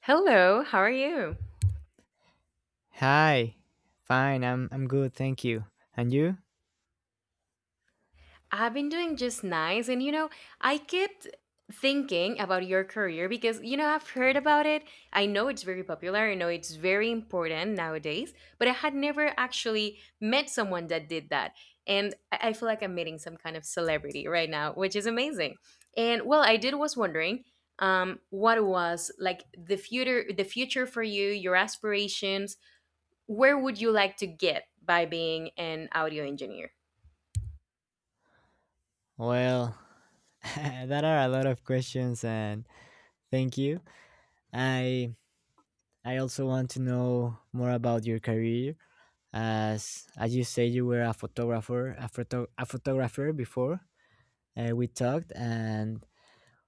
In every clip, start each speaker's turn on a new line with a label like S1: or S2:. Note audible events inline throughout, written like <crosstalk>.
S1: Hello, how are you?
S2: Hi. Fine. I'm good, thank you. And you?
S1: I've been doing just nice. And you know, I kept thinking about your career because, you know, I've heard about it. I know it's very popular. I know it's very important nowadays, but I had never actually met someone that did that. And I feel like I'm meeting some kind of celebrity right now, which is amazing. And well, I did was wondering what was like the future for you, your aspirations, where would you like to get by being an audio engineer?
S2: Well, <laughs> that are a lot of questions and thank you. I I also want to know more about your career as you say you were a photographer, a photographer before we talked, and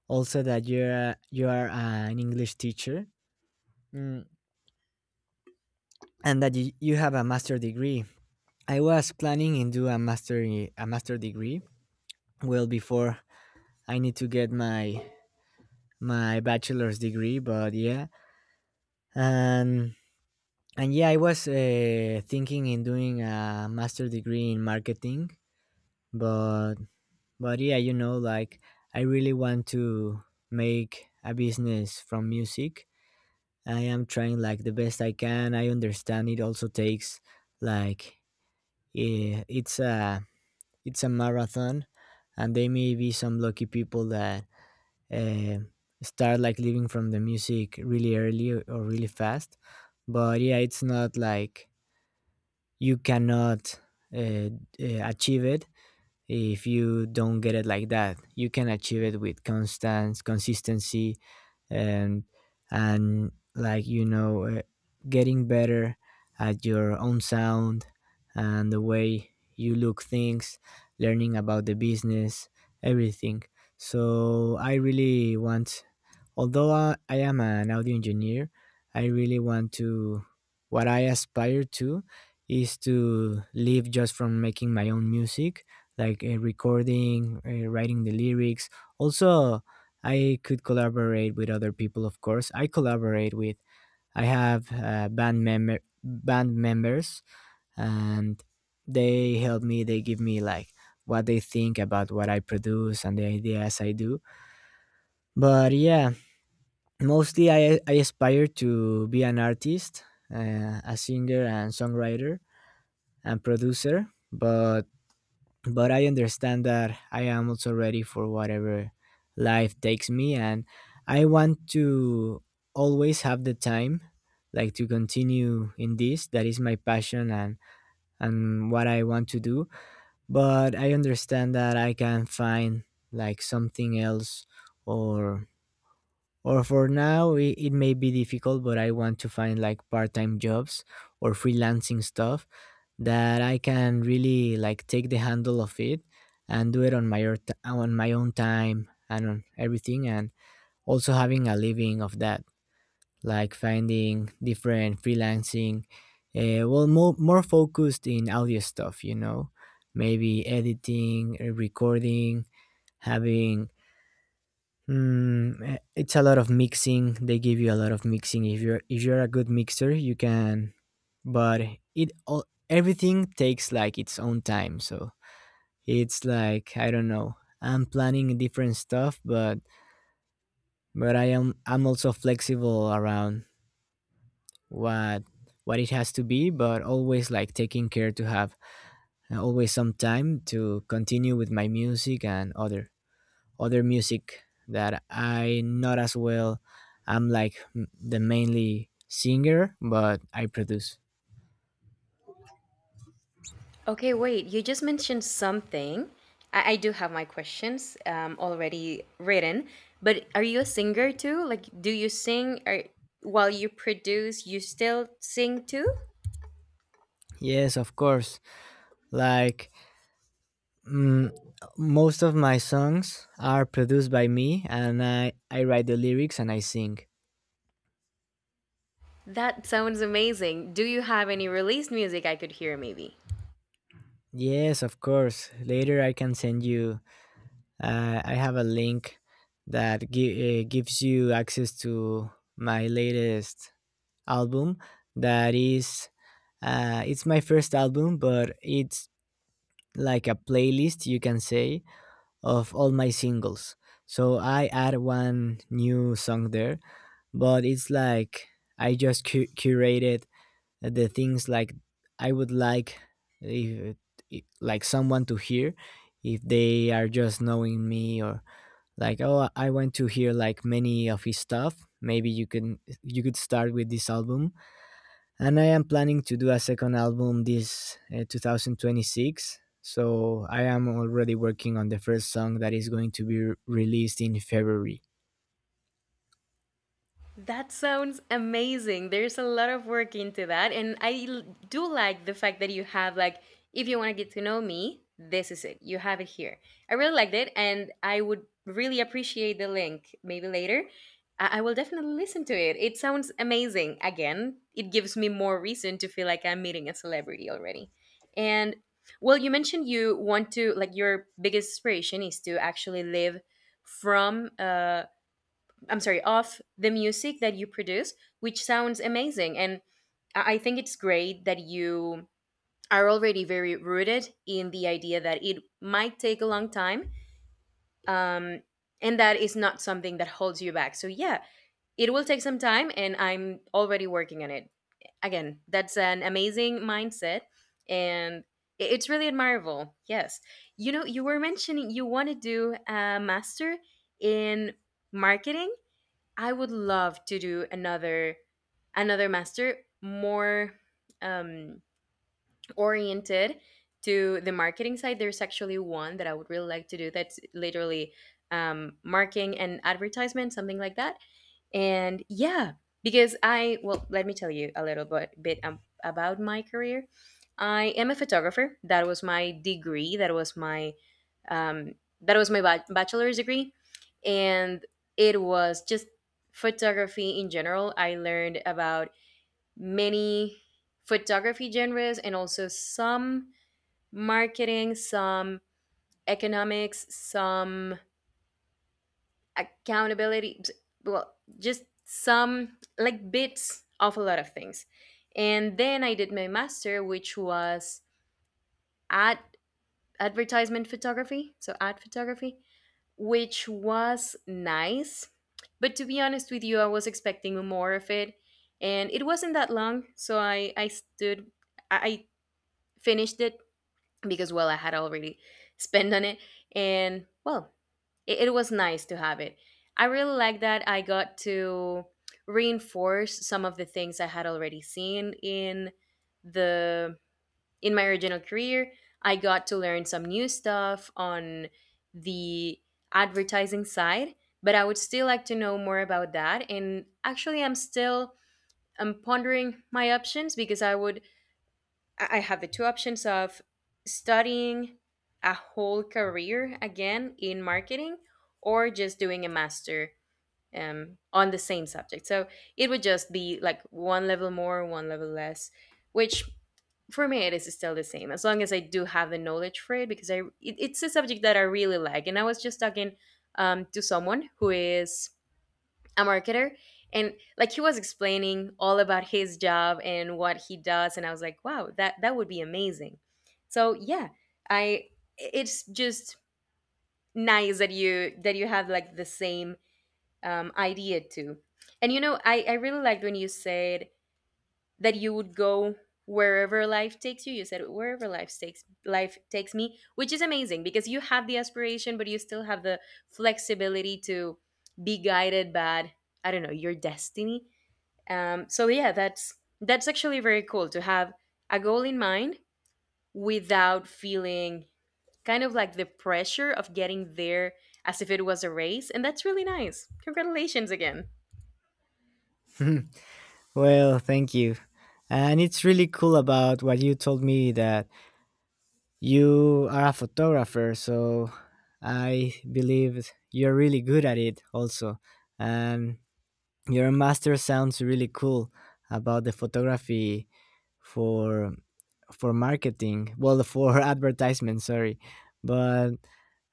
S2: also that you are an English teacher, mm, and that you have a master degree. I was planning in do a master, a master degree well before I need to get my bachelor's degree, but yeah. And and yeah, I was thinking in doing a master degree in marketing. But but yeah, you know, like, I really want to make a business from music. I am trying like the best I can. I understand it also takes, like, eh, it's a it's a marathon. And there may be some lucky people that uh, start like living from the music really early, or really fast. But yeah, it's not like you cannot uh, achieve it. If you don't get it like that, you can achieve it with constant consistency, and and like, getting better at your own sound and the way you look things, learning about the business, everything. So I really want, although I am an audio engineer, I really want to, what I aspire to is to live just from making my own music, like, recording, writing the lyrics. Also, I could collaborate with other people, of course. I collaborate with. I have band members, and they help me. They give me like what they think about what I produce and the ideas I do. But yeah, mostly I aspire to be an artist, a singer and songwriter and producer. But I understand that I am also ready for whatever life takes me, and I want to always have the time, like, to continue in this that is my passion, and what I want to do. But I understand that I can find like something else, or or for now it may be difficult, but I want to find like part-time jobs or freelancing stuff that I can really like take the handle of it and do it on my own on my own time and on everything, and also having a living of that, like, finding different freelancing, well, more focused in audio stuff, maybe editing, recording, having, it's a lot of mixing. They give you a lot of mixing. If you're a good mixer, you can. But it all, everything takes like its own time, so it's like, I don't know. I'm planning different stuff, but I'm also flexible around what what it has to be, but always like taking care to have, always some time to continue with my music and other music that I not as well. I'm like, the mainly singer, but I produce.
S1: Okay, wait, you just mentioned something. I do have my questions already written, but are you a singer too? Like, do you sing or while you produce, you still sing too?
S2: Yes, of course. Like, Mm, most of my songs are produced by me, and I write the lyrics and I sing.
S1: That sounds amazing. Do you have any released music I could hear maybe?
S2: Yes, of course. Later, I can send you. I have a link that gives you access to my latest album. That is, it's my first album, but it's like a playlist, you can say, of all my singles. So I add one new song there, but it's like I just curated the things like I would like, if, like someone to hear, if they are just knowing me, or like, oh, I want to hear like many of his stuff, maybe you can, you could start with this album. And I am planning to do a second album this 2026, so I am already working on the first song that is going to be released in February.
S1: That sounds amazing. There's a lot of work into that. And do like the fact that you have, like, if you want to get to know me, this is it. You have it here. I really liked it. And I would really appreciate the link maybe later. I will definitely listen to it. It sounds amazing. Again, it gives me more reason to feel like I'm meeting a celebrity already. And well, you mentioned you want to, like, your biggest inspiration is to actually live from I'm sorry, of the music that you produce, which sounds amazing. And I think it's great that you are already very rooted in the idea that it might take a long time, um, and that is not something that holds you back. So, yeah, it will take some time, and I'm already working on it. Again, that's an amazing mindset, and it's really admirable. Yes. You know, you were mentioning you want to do a master in marketing. I would love to do another master more um, oriented to the marketing side. There's actually one that I would really like to do that's literally marketing and advertisement, something like that. And yeah, because I, well, let me tell you a little bit, about my career. I am a photographer. That was my degree. Um, that was my bachelor's degree. And it was just photography in general. I learned about many photography genres and also some marketing, some economics, some accountability. Well, just some like bits of a lot of things, and then I did my master, which was ad advertisement photography, so ad photography, which was nice, but to be honest with you, I was expecting more of it, and it wasn't that long, so I stood, I finished it because well, I had already spent on it, and well, it was nice to have it. I really like that I got to reinforce some of the things I had already seen in the in my original career. I got to learn some new stuff on the advertising side, but I would still like to know more about that. And actually, I'm pondering my options because I would, I have the two options of studying a whole career again in marketing, or just doing a master on the same subject. So it would just be like one level more, one level less, which for me it is still the same as long as I do have the knowledge for it, because I it's a subject that I really like. And I was just talking to someone who is a marketer, and like he was explaining all about his job and what he does, and I was like, wow, that would be amazing. So yeah, I it's just nice that you have like the same idea too. And you know, I really liked when you said that you would go wherever life takes you. You said wherever life takes me, which is amazing, because you have the aspiration but you still have the flexibility to be guided by, I don't know, your destiny. So yeah, that's actually very cool to have a goal in mind without feeling kind of like the pressure of getting there as if it was a race, and that's really nice. Congratulations again.
S2: <laughs> Well, thank you. And it's really cool about what you told me that you are a photographer, so I believe you're really good at it also. And your master sounds really cool about the photography for, marketing, well, for <laughs> advertisement, sorry. But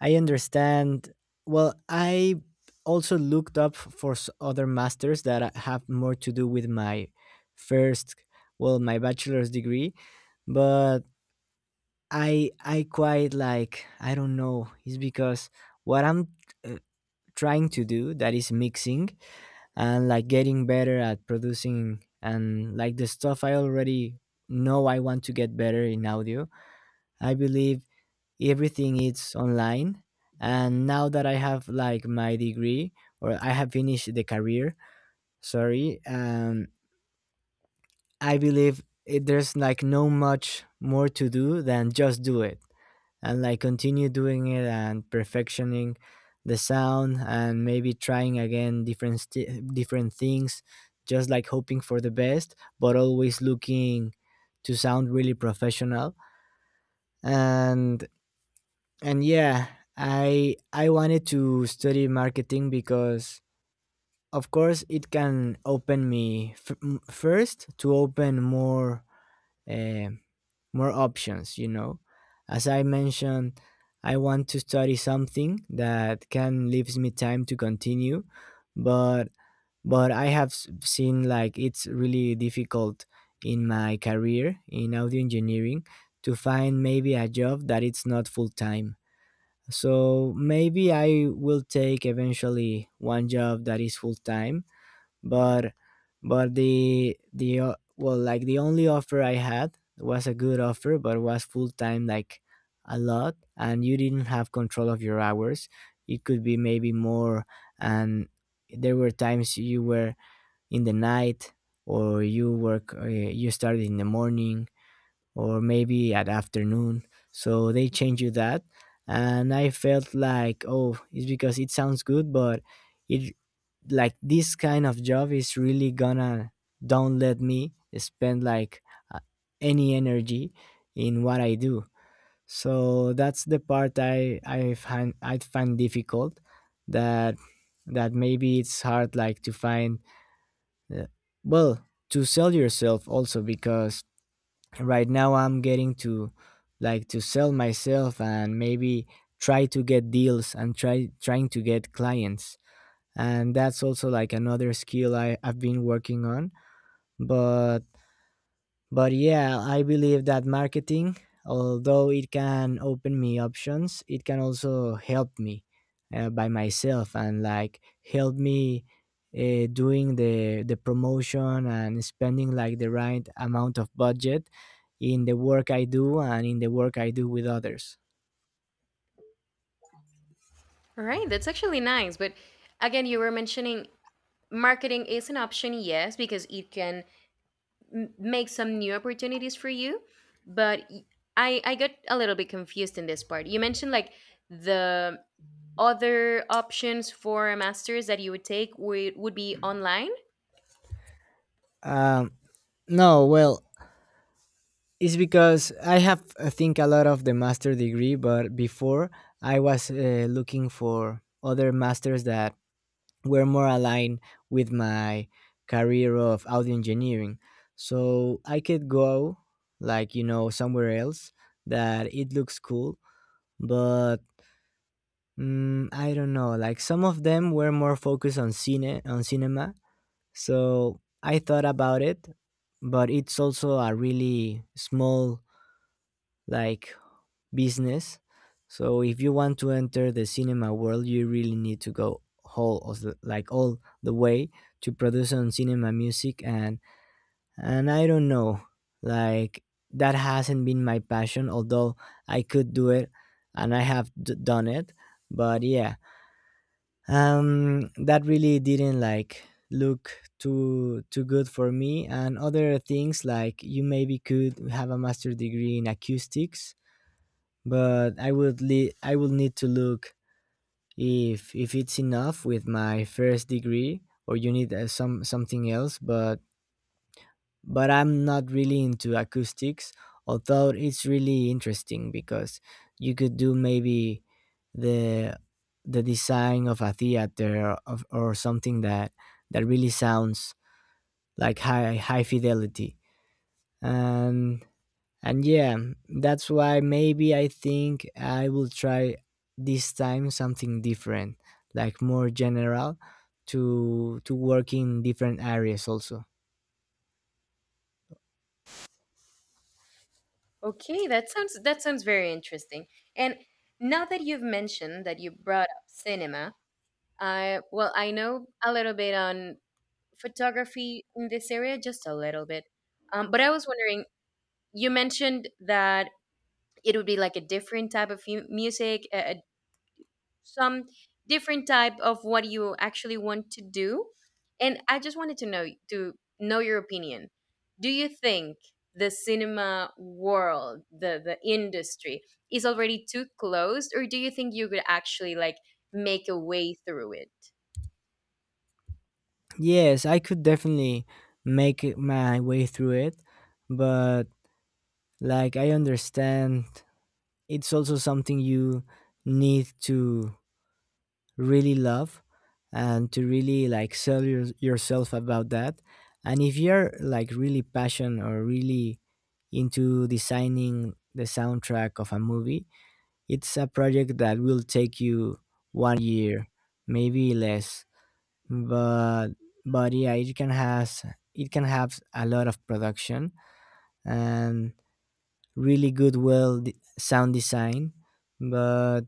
S2: I understand. Well, I also looked up for other masters that have more to do with my first, well, my bachelor's degree, but I quite like, I don't know. It's because what I'm, uh, trying to do that is mixing and like getting better at producing, and like the stuff I already know I want to get better in audio. I believe everything is online, and now that I have like my degree, or I have finished the career, sorry, I believe there's like no much more to do than just do it and like continue doing it and perfectioning the sound, and maybe trying again different things, just like hoping for the best, but always looking to sound really professional. And and yeah, I wanted to study marketing because of course it can open me, first, to open more, uh, more options. As I mentioned, I want to study something that can leaves me time to continue. But but I have seen like it's really difficult in my career in audio engineering to find maybe a job that it's not full time. So maybe I will take eventually one job that is full time, but but the well, like, the only offer I had was a good offer, but was full time like a lot, and you didn't have control of your hours. It could be maybe more, and there were times you were in the night, or you started in the morning, or maybe at afternoon. So they change you that. And I felt like, oh, it's because it sounds good, but it like this kind of job is really gonna don't let me spend like, uh, any energy in what I do. So that's the part I find difficult, that that maybe it's hard like to find, uh, well, to sell yourself also, because right now I'm getting to, like, to sell myself and maybe try to get deals and trying to get clients. And that's also like another skill I've been working on. But but yeah, I believe that marketing, although it can open me options, it can also help me, by myself, and like help me, doing the promotion and spending like the right amount of budget in the work I do and in the work I do with others.
S1: All right, that's actually nice. But again, you were mentioning marketing is an option, yes, because it can make some new opportunities for you. But I got a little bit confused in this part. You mentioned like the other options for a master's that you would take would be online.
S2: Um, no, well, it's because I have, I think, a lot of the master degree, but before I was, looking for other masters that were more aligned with my career of audio engineering. So I could go, like, somewhere else that it looks cool, but, I don't know. Like, some of them were more focused on cinema. So I thought about it, but it's also a really small, like, business. So if you want to enter the cinema world, you really need to go whole of like all the way, to produce on cinema music. And I don't know, like, that hasn't been my passion, although I could do it and I have done it. But yeah, that really didn't like look too good for me. And other things, like, you maybe could have a master degree in acoustics, but I would need to look if it's enough with my first degree, or you need, something else. But I'm not really into acoustics, although it's really interesting, because you could do maybe the the design of a theater, or something that, really sounds like high fidelity. And, yeah, that's why maybe I think I will try this time something different, like more general, to work in different areas also.
S1: Okay, that sounds, that sounds very interesting. And now that you've mentioned that, you brought up cinema. I Well, I know a little bit on photography in this area, just a little bit. But I was wondering, you mentioned that it would be like a different type of music, a some different type of what you actually want to do. And I just wanted to know, your opinion. Do you think the cinema world, the industry is already too closed, or do you think you could actually like make a way through it?
S2: Yes, I could definitely make it my way through it, but like I understand it's also something you need to really love, and to really like sell yourself about that. And if you're like really passionate or really into designing the soundtrack of a movie, it's a project that will take you one year, maybe less. But but yeah, it can have a lot of production and really good, well, sound design. but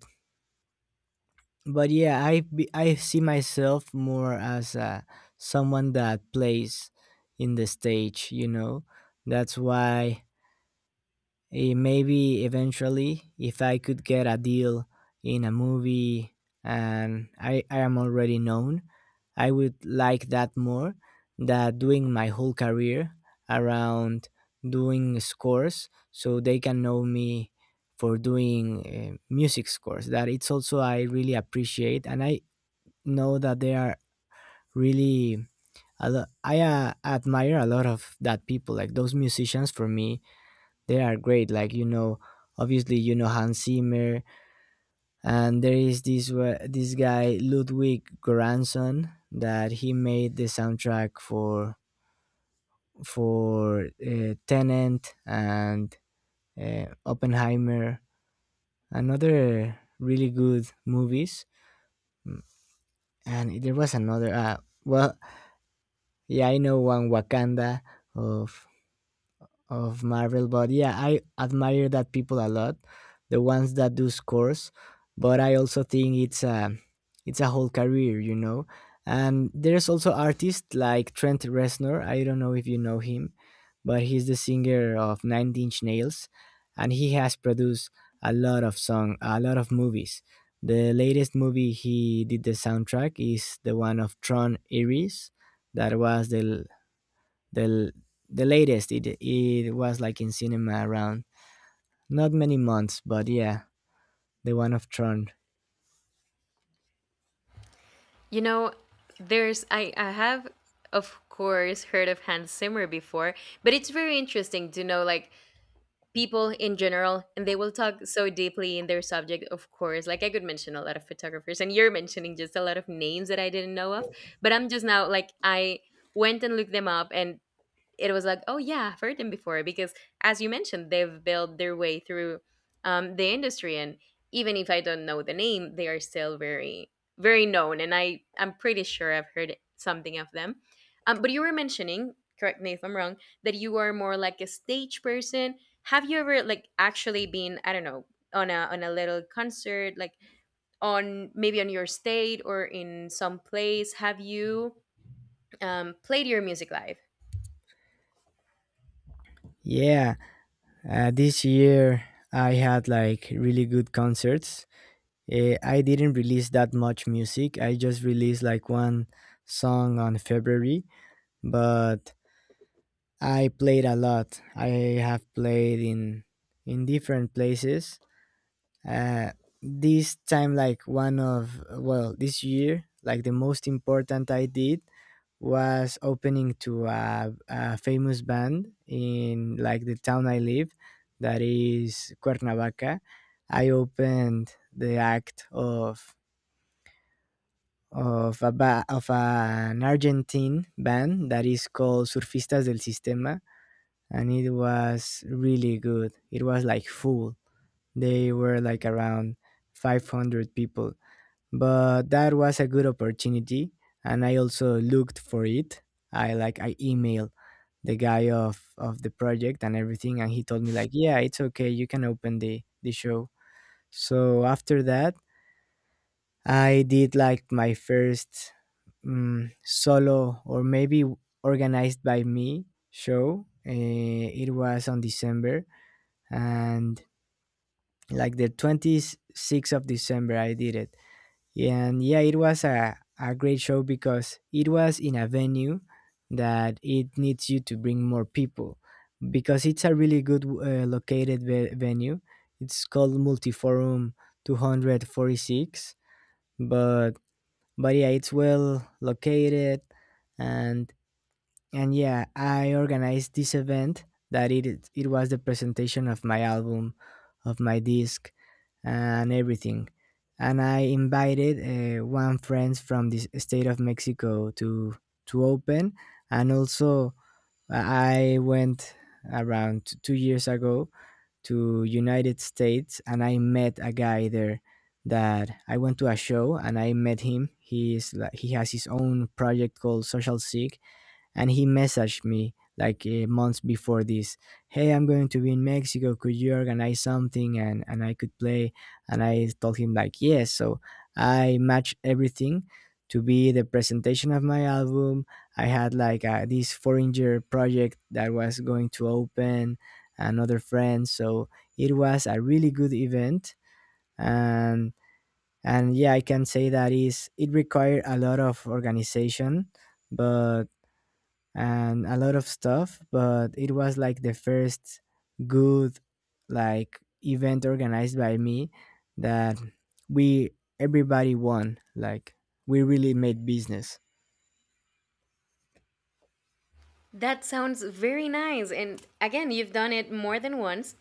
S2: but yeah, I see myself more as, someone that plays in the stage. You know, that's why, maybe eventually, if I could get a deal in a movie and I am already known, I would like that more. Than doing my whole career around doing scores, so they can know me for doing music scores that it's also I really appreciate, and I know that they are really I admire a lot of that people. Like those musicians for me, they are great. Like you know, obviously you know Hans Zimmer, and there is this guy Ludwig Göransson that he made the soundtrack for for Tenant and Oppenheimer, another really good movies. And there was another. Well, yeah, I know one Wakanda of of Marvel, but yeah, I admire that people a lot, the ones that do scores. But I also think it's a whole career, you know. And there's also artists like Trent Reznor. I don't know if you know him, but he's the singer of Nine Inch Nails, and he has produced a lot of song, a lot of movies. The latest movie he did the soundtrack is the one of Tron Ares, that was the the latest. It was like in cinema around not many months, but yeah, the one of Tron.
S1: You know, there's, I have of course heard of Hans Zimmer before, but it's very interesting to know like people in general, and they will talk so deeply in their subject. Of course, like I could mention a lot of photographers, and you're mentioning just a lot of names that I didn't know of. But I'm just now like I went and looked them up, and it was like, oh yeah, I've heard them before because, as you mentioned, they've built their way through the industry, and even if I don't know the name, they are still very, very known, and I'm pretty sure I've heard something of them. But you were mentioning, correct me if I'm wrong, that you are more like a stage person. Have you ever like actually been, I don't know, on a, little concert, like on maybe on your state or in some place? Have you played your music live?
S2: Yeah, this year I had like really good concerts. I didn't release that much music. I just released like one song on February, but I played a lot. I have played in different places, uh, this time, like one of, well, this year, like the most important I did was opening to a famous band in like the town I live, that is Cuernavaca. I opened the act of of an Argentine band that is called Surfistas del Sistema, and it was really good. It was like full. They were like around 500 people, but that was a good opportunity. And I also looked for it. I emailed the guy of the project and everything, and he told me like, yeah, it's okay, you can open the show. So after that, I did like my first solo, or maybe organized by me, show. It was on December, and like the 26th of December I did it. And yeah, it was a great show because it was in a venue that it needs you to bring more people, because it's a really good, located venue. It's called Multiforum 246. but but yeah, it's well located. and and yeah, I organized this event, that it was the presentation of my album, of my disc, and everything. And I invited one friend from the state of Mexico to open, and also I went around 2 years ago to United States, and I met a guy there. That I went to a show and I met him. He is like, he has his own project called Social Sick, and he messaged me like months before this. Hey, I'm going to be in Mexico, could you organize something, and I could play? And I told him like, yes. So I matched everything to be the presentation of my album. I had like, this foreigner project that was going to open, another friend. So it was a really good event. and and yeah, I can say that is it required a lot of organization, but and a lot of stuff, but it was like the first good like event organized by me, that we everybody won. Like we really made business.
S1: That sounds very nice. And again, you've done it more than once.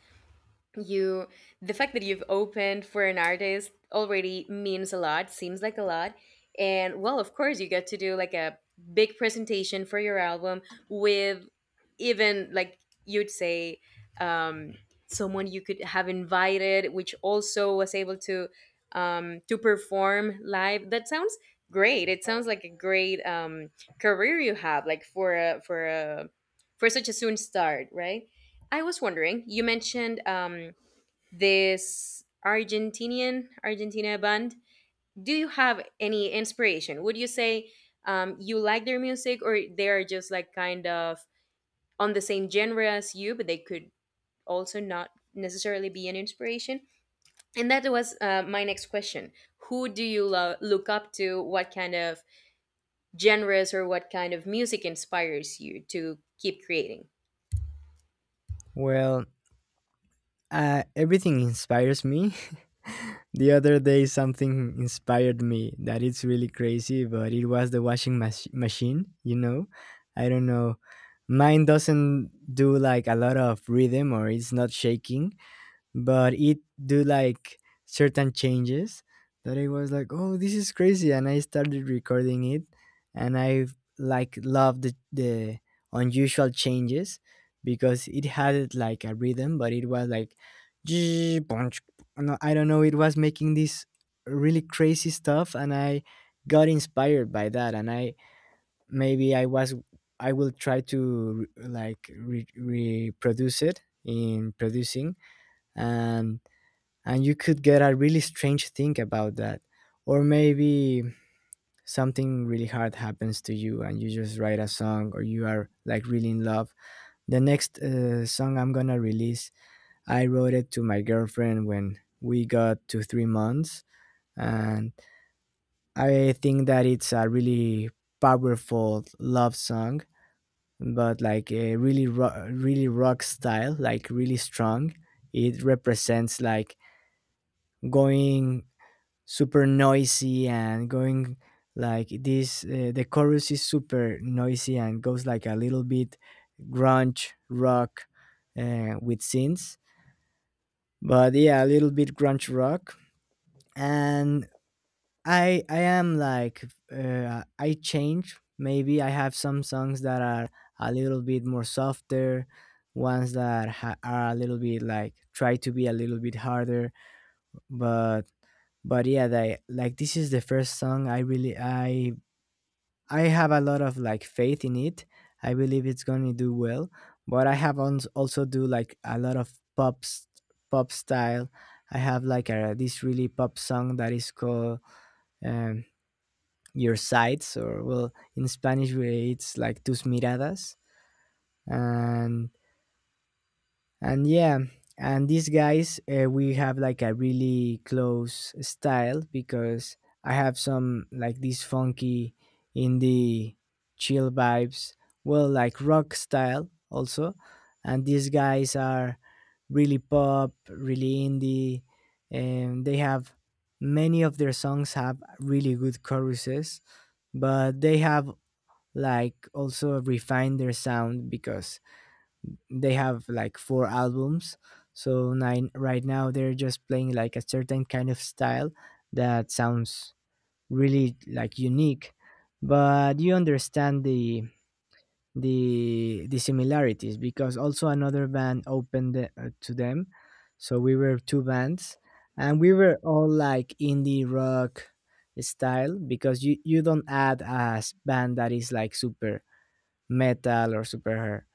S1: You The fact that you've opened for an artist already means a lot, seems like a lot. And well, of course, you get to do like a big presentation for your album with, even like you'd say, um someone you could have invited, which also was able to perform live. That sounds great. It sounds like a great career you have, like for a, for such a soon start, right? I was wondering, you mentioned this Argentinian Argentina band. Do you have any inspiration? Would you say you like their music, or they are just like kind of on the same genre as you, but they could also not necessarily be an inspiration? And that was my next question. Who do you look up to? What kind of genres or what kind of music inspires you to keep creating?
S2: Well, everything inspires me. <laughs> The other day, something inspired me that it's really crazy, but it was the machine. You know, I don't know. Mine doesn't do like a lot of rhythm, or it's not shaking, but it do like certain changes, that I was like, oh, this is crazy. And I started recording it, and I like loved the unusual changes, because it had like a rhythm, but it was like, <tsk> punch. No, I don't know, it was making this really crazy stuff, and I got inspired by that. And I maybe I was, I will try to reproduce it in producing, and and you could get a really strange thing about that. Or maybe something really hard happens to you and you just write a song, or you are like really in love. The next song I'm gonna release, I wrote it to my girlfriend when we got to 3 months. And I think that it's a really powerful love song, but like a really rock style, like really strong. It represents like going super noisy and going like this. The chorus is super noisy and goes like a little bit grunge rock, with synths. But yeah, a little bit grunge rock. And I am like, I change. Maybe I have some songs that are a little bit more softer, ones that are a little bit like try to be a little bit harder. but but yeah, they like, this is the first song I really, I have a lot of like faith in it. I believe it's gonna do well. But I have on, also do like a lot of pop, pop style. I have like a, this really pop song, that is called, um, your Sights, or well, in Spanish, it's like Tus Miradas. and and yeah, and these guys, we have like a really close style, because I have some like these funky indie chill vibes, well, like rock style also. And these guys are really pop, really indie. And they have, many of their songs have really good choruses. But they have like also refined their sound, because they have like four albums, so nine right now, they're just playing like a certain kind of style that sounds really like unique. But you understand the similarities, because also another band opened to them. So we were two bands, and we were all like indie rock style. Because you don't add band that is like super metal, or super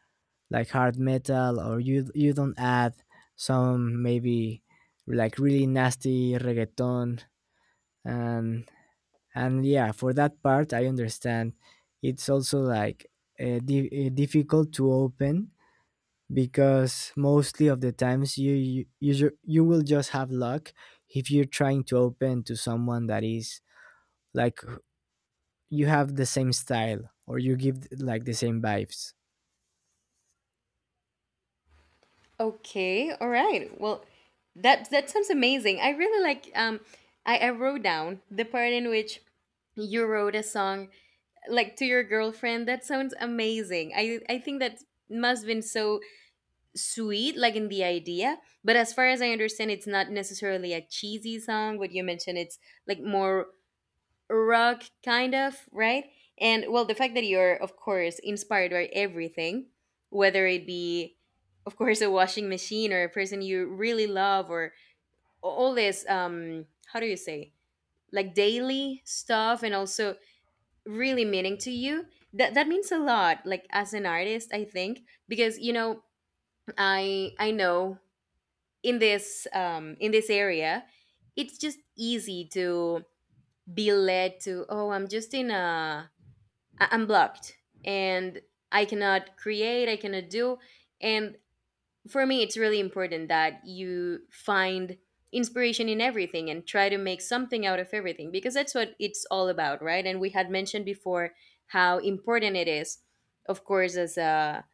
S2: like hard metal, or you don't add some, maybe like really nasty reggaeton. and and yeah, for that part, I understand it's also like difficult to open, because mostly of the times you will just have luck if you're trying to open to someone that is like, you have the same style, or you give like the same vibes.
S1: Okay, all right. Well, that, that sounds amazing. I really like, I wrote down the part in which you wrote a song like to your girlfriend. That sounds amazing. I think that must been so sweet, like in the idea, but as far as I understand, it's not necessarily a cheesy song, but you mentioned it's like more rock kind of, right? And well, the fact that you're of course inspired by everything, whether it be of course a washing machine or a person you really love, or all this, how do you say, like daily stuff, and also really meaning to you, that that means a lot, like as an artist, I think. Because you know, I know in this, in this area, it's just easy to be led to, oh, I'm just in a, I'm blocked, and I cannot create, I cannot do. And for me, it's really important that you find inspiration in everything and try to make something out of everything, because that's what it's all about, right? And we had mentioned before how important it is, of course, as a,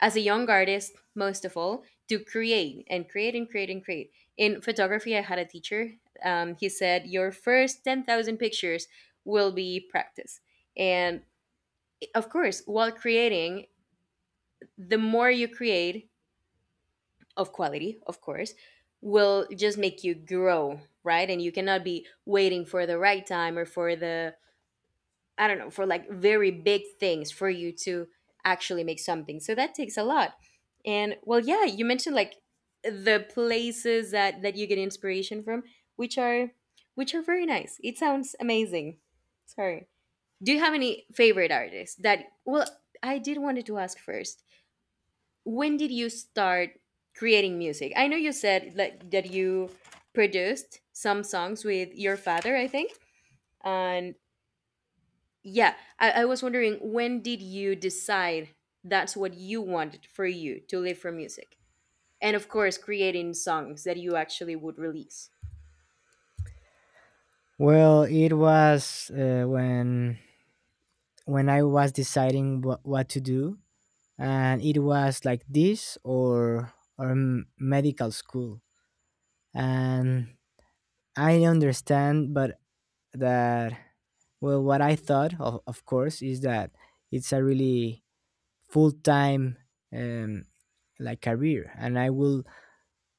S1: young artist, most of all, to create and create and create and create. In photography, I had a teacher. He said, "Your first 10,000 pictures will be practice." And of course, while creating, the more you create of quality, of course, will just make you grow, right? And you cannot be waiting for the right time or for the, I don't know, for like very big things for you to actually make something. So that takes a lot. And well, yeah, you mentioned like the places that you get inspiration from, which are, which are very nice. It sounds amazing. Sorry. Do you have any favorite artists that, well, I did wanted to ask first. When did you start creating music? I know you said that, that you produced some songs with your father, I think. And yeah, I was wondering, when did you decide that's what you wanted, for you to live for music? And of course, creating songs that you actually would release.
S2: Well, it was when I was deciding what to do. And it was like this or medical school. And I understand, but that, well, what I thought of course, is that it's a really full time um, like career, and I will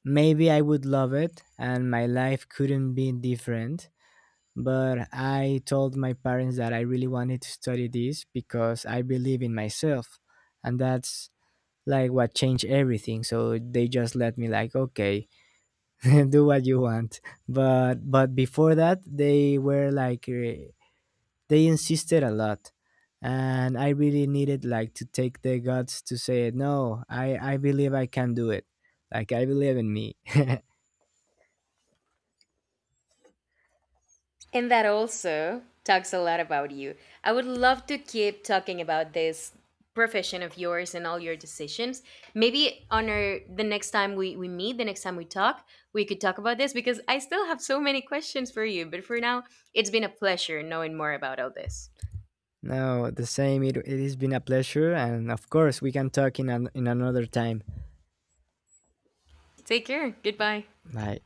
S2: maybe I would love it, and my life couldn't be different. But I told my parents that I really wanted to study this because I believe in myself. And that's like what changed everything. So they just let me like, okay, <laughs> do what you want. But before that, they were like, they insisted a lot. And I really needed like to take the guts to say, no, I believe I can do it. Like I believe in me. <laughs>
S1: And that also talks a lot about you. I would love to keep talking about this profession of yours and all your decisions. Maybe on our the next time we meet, the next time we talk, we could talk about this, because I still have so many questions for you. But for now, it's been a pleasure knowing more about all this.
S2: No, the same. It has been a pleasure, and of course, we can talk in an, in another time.
S1: Take care. Goodbye.
S2: はい。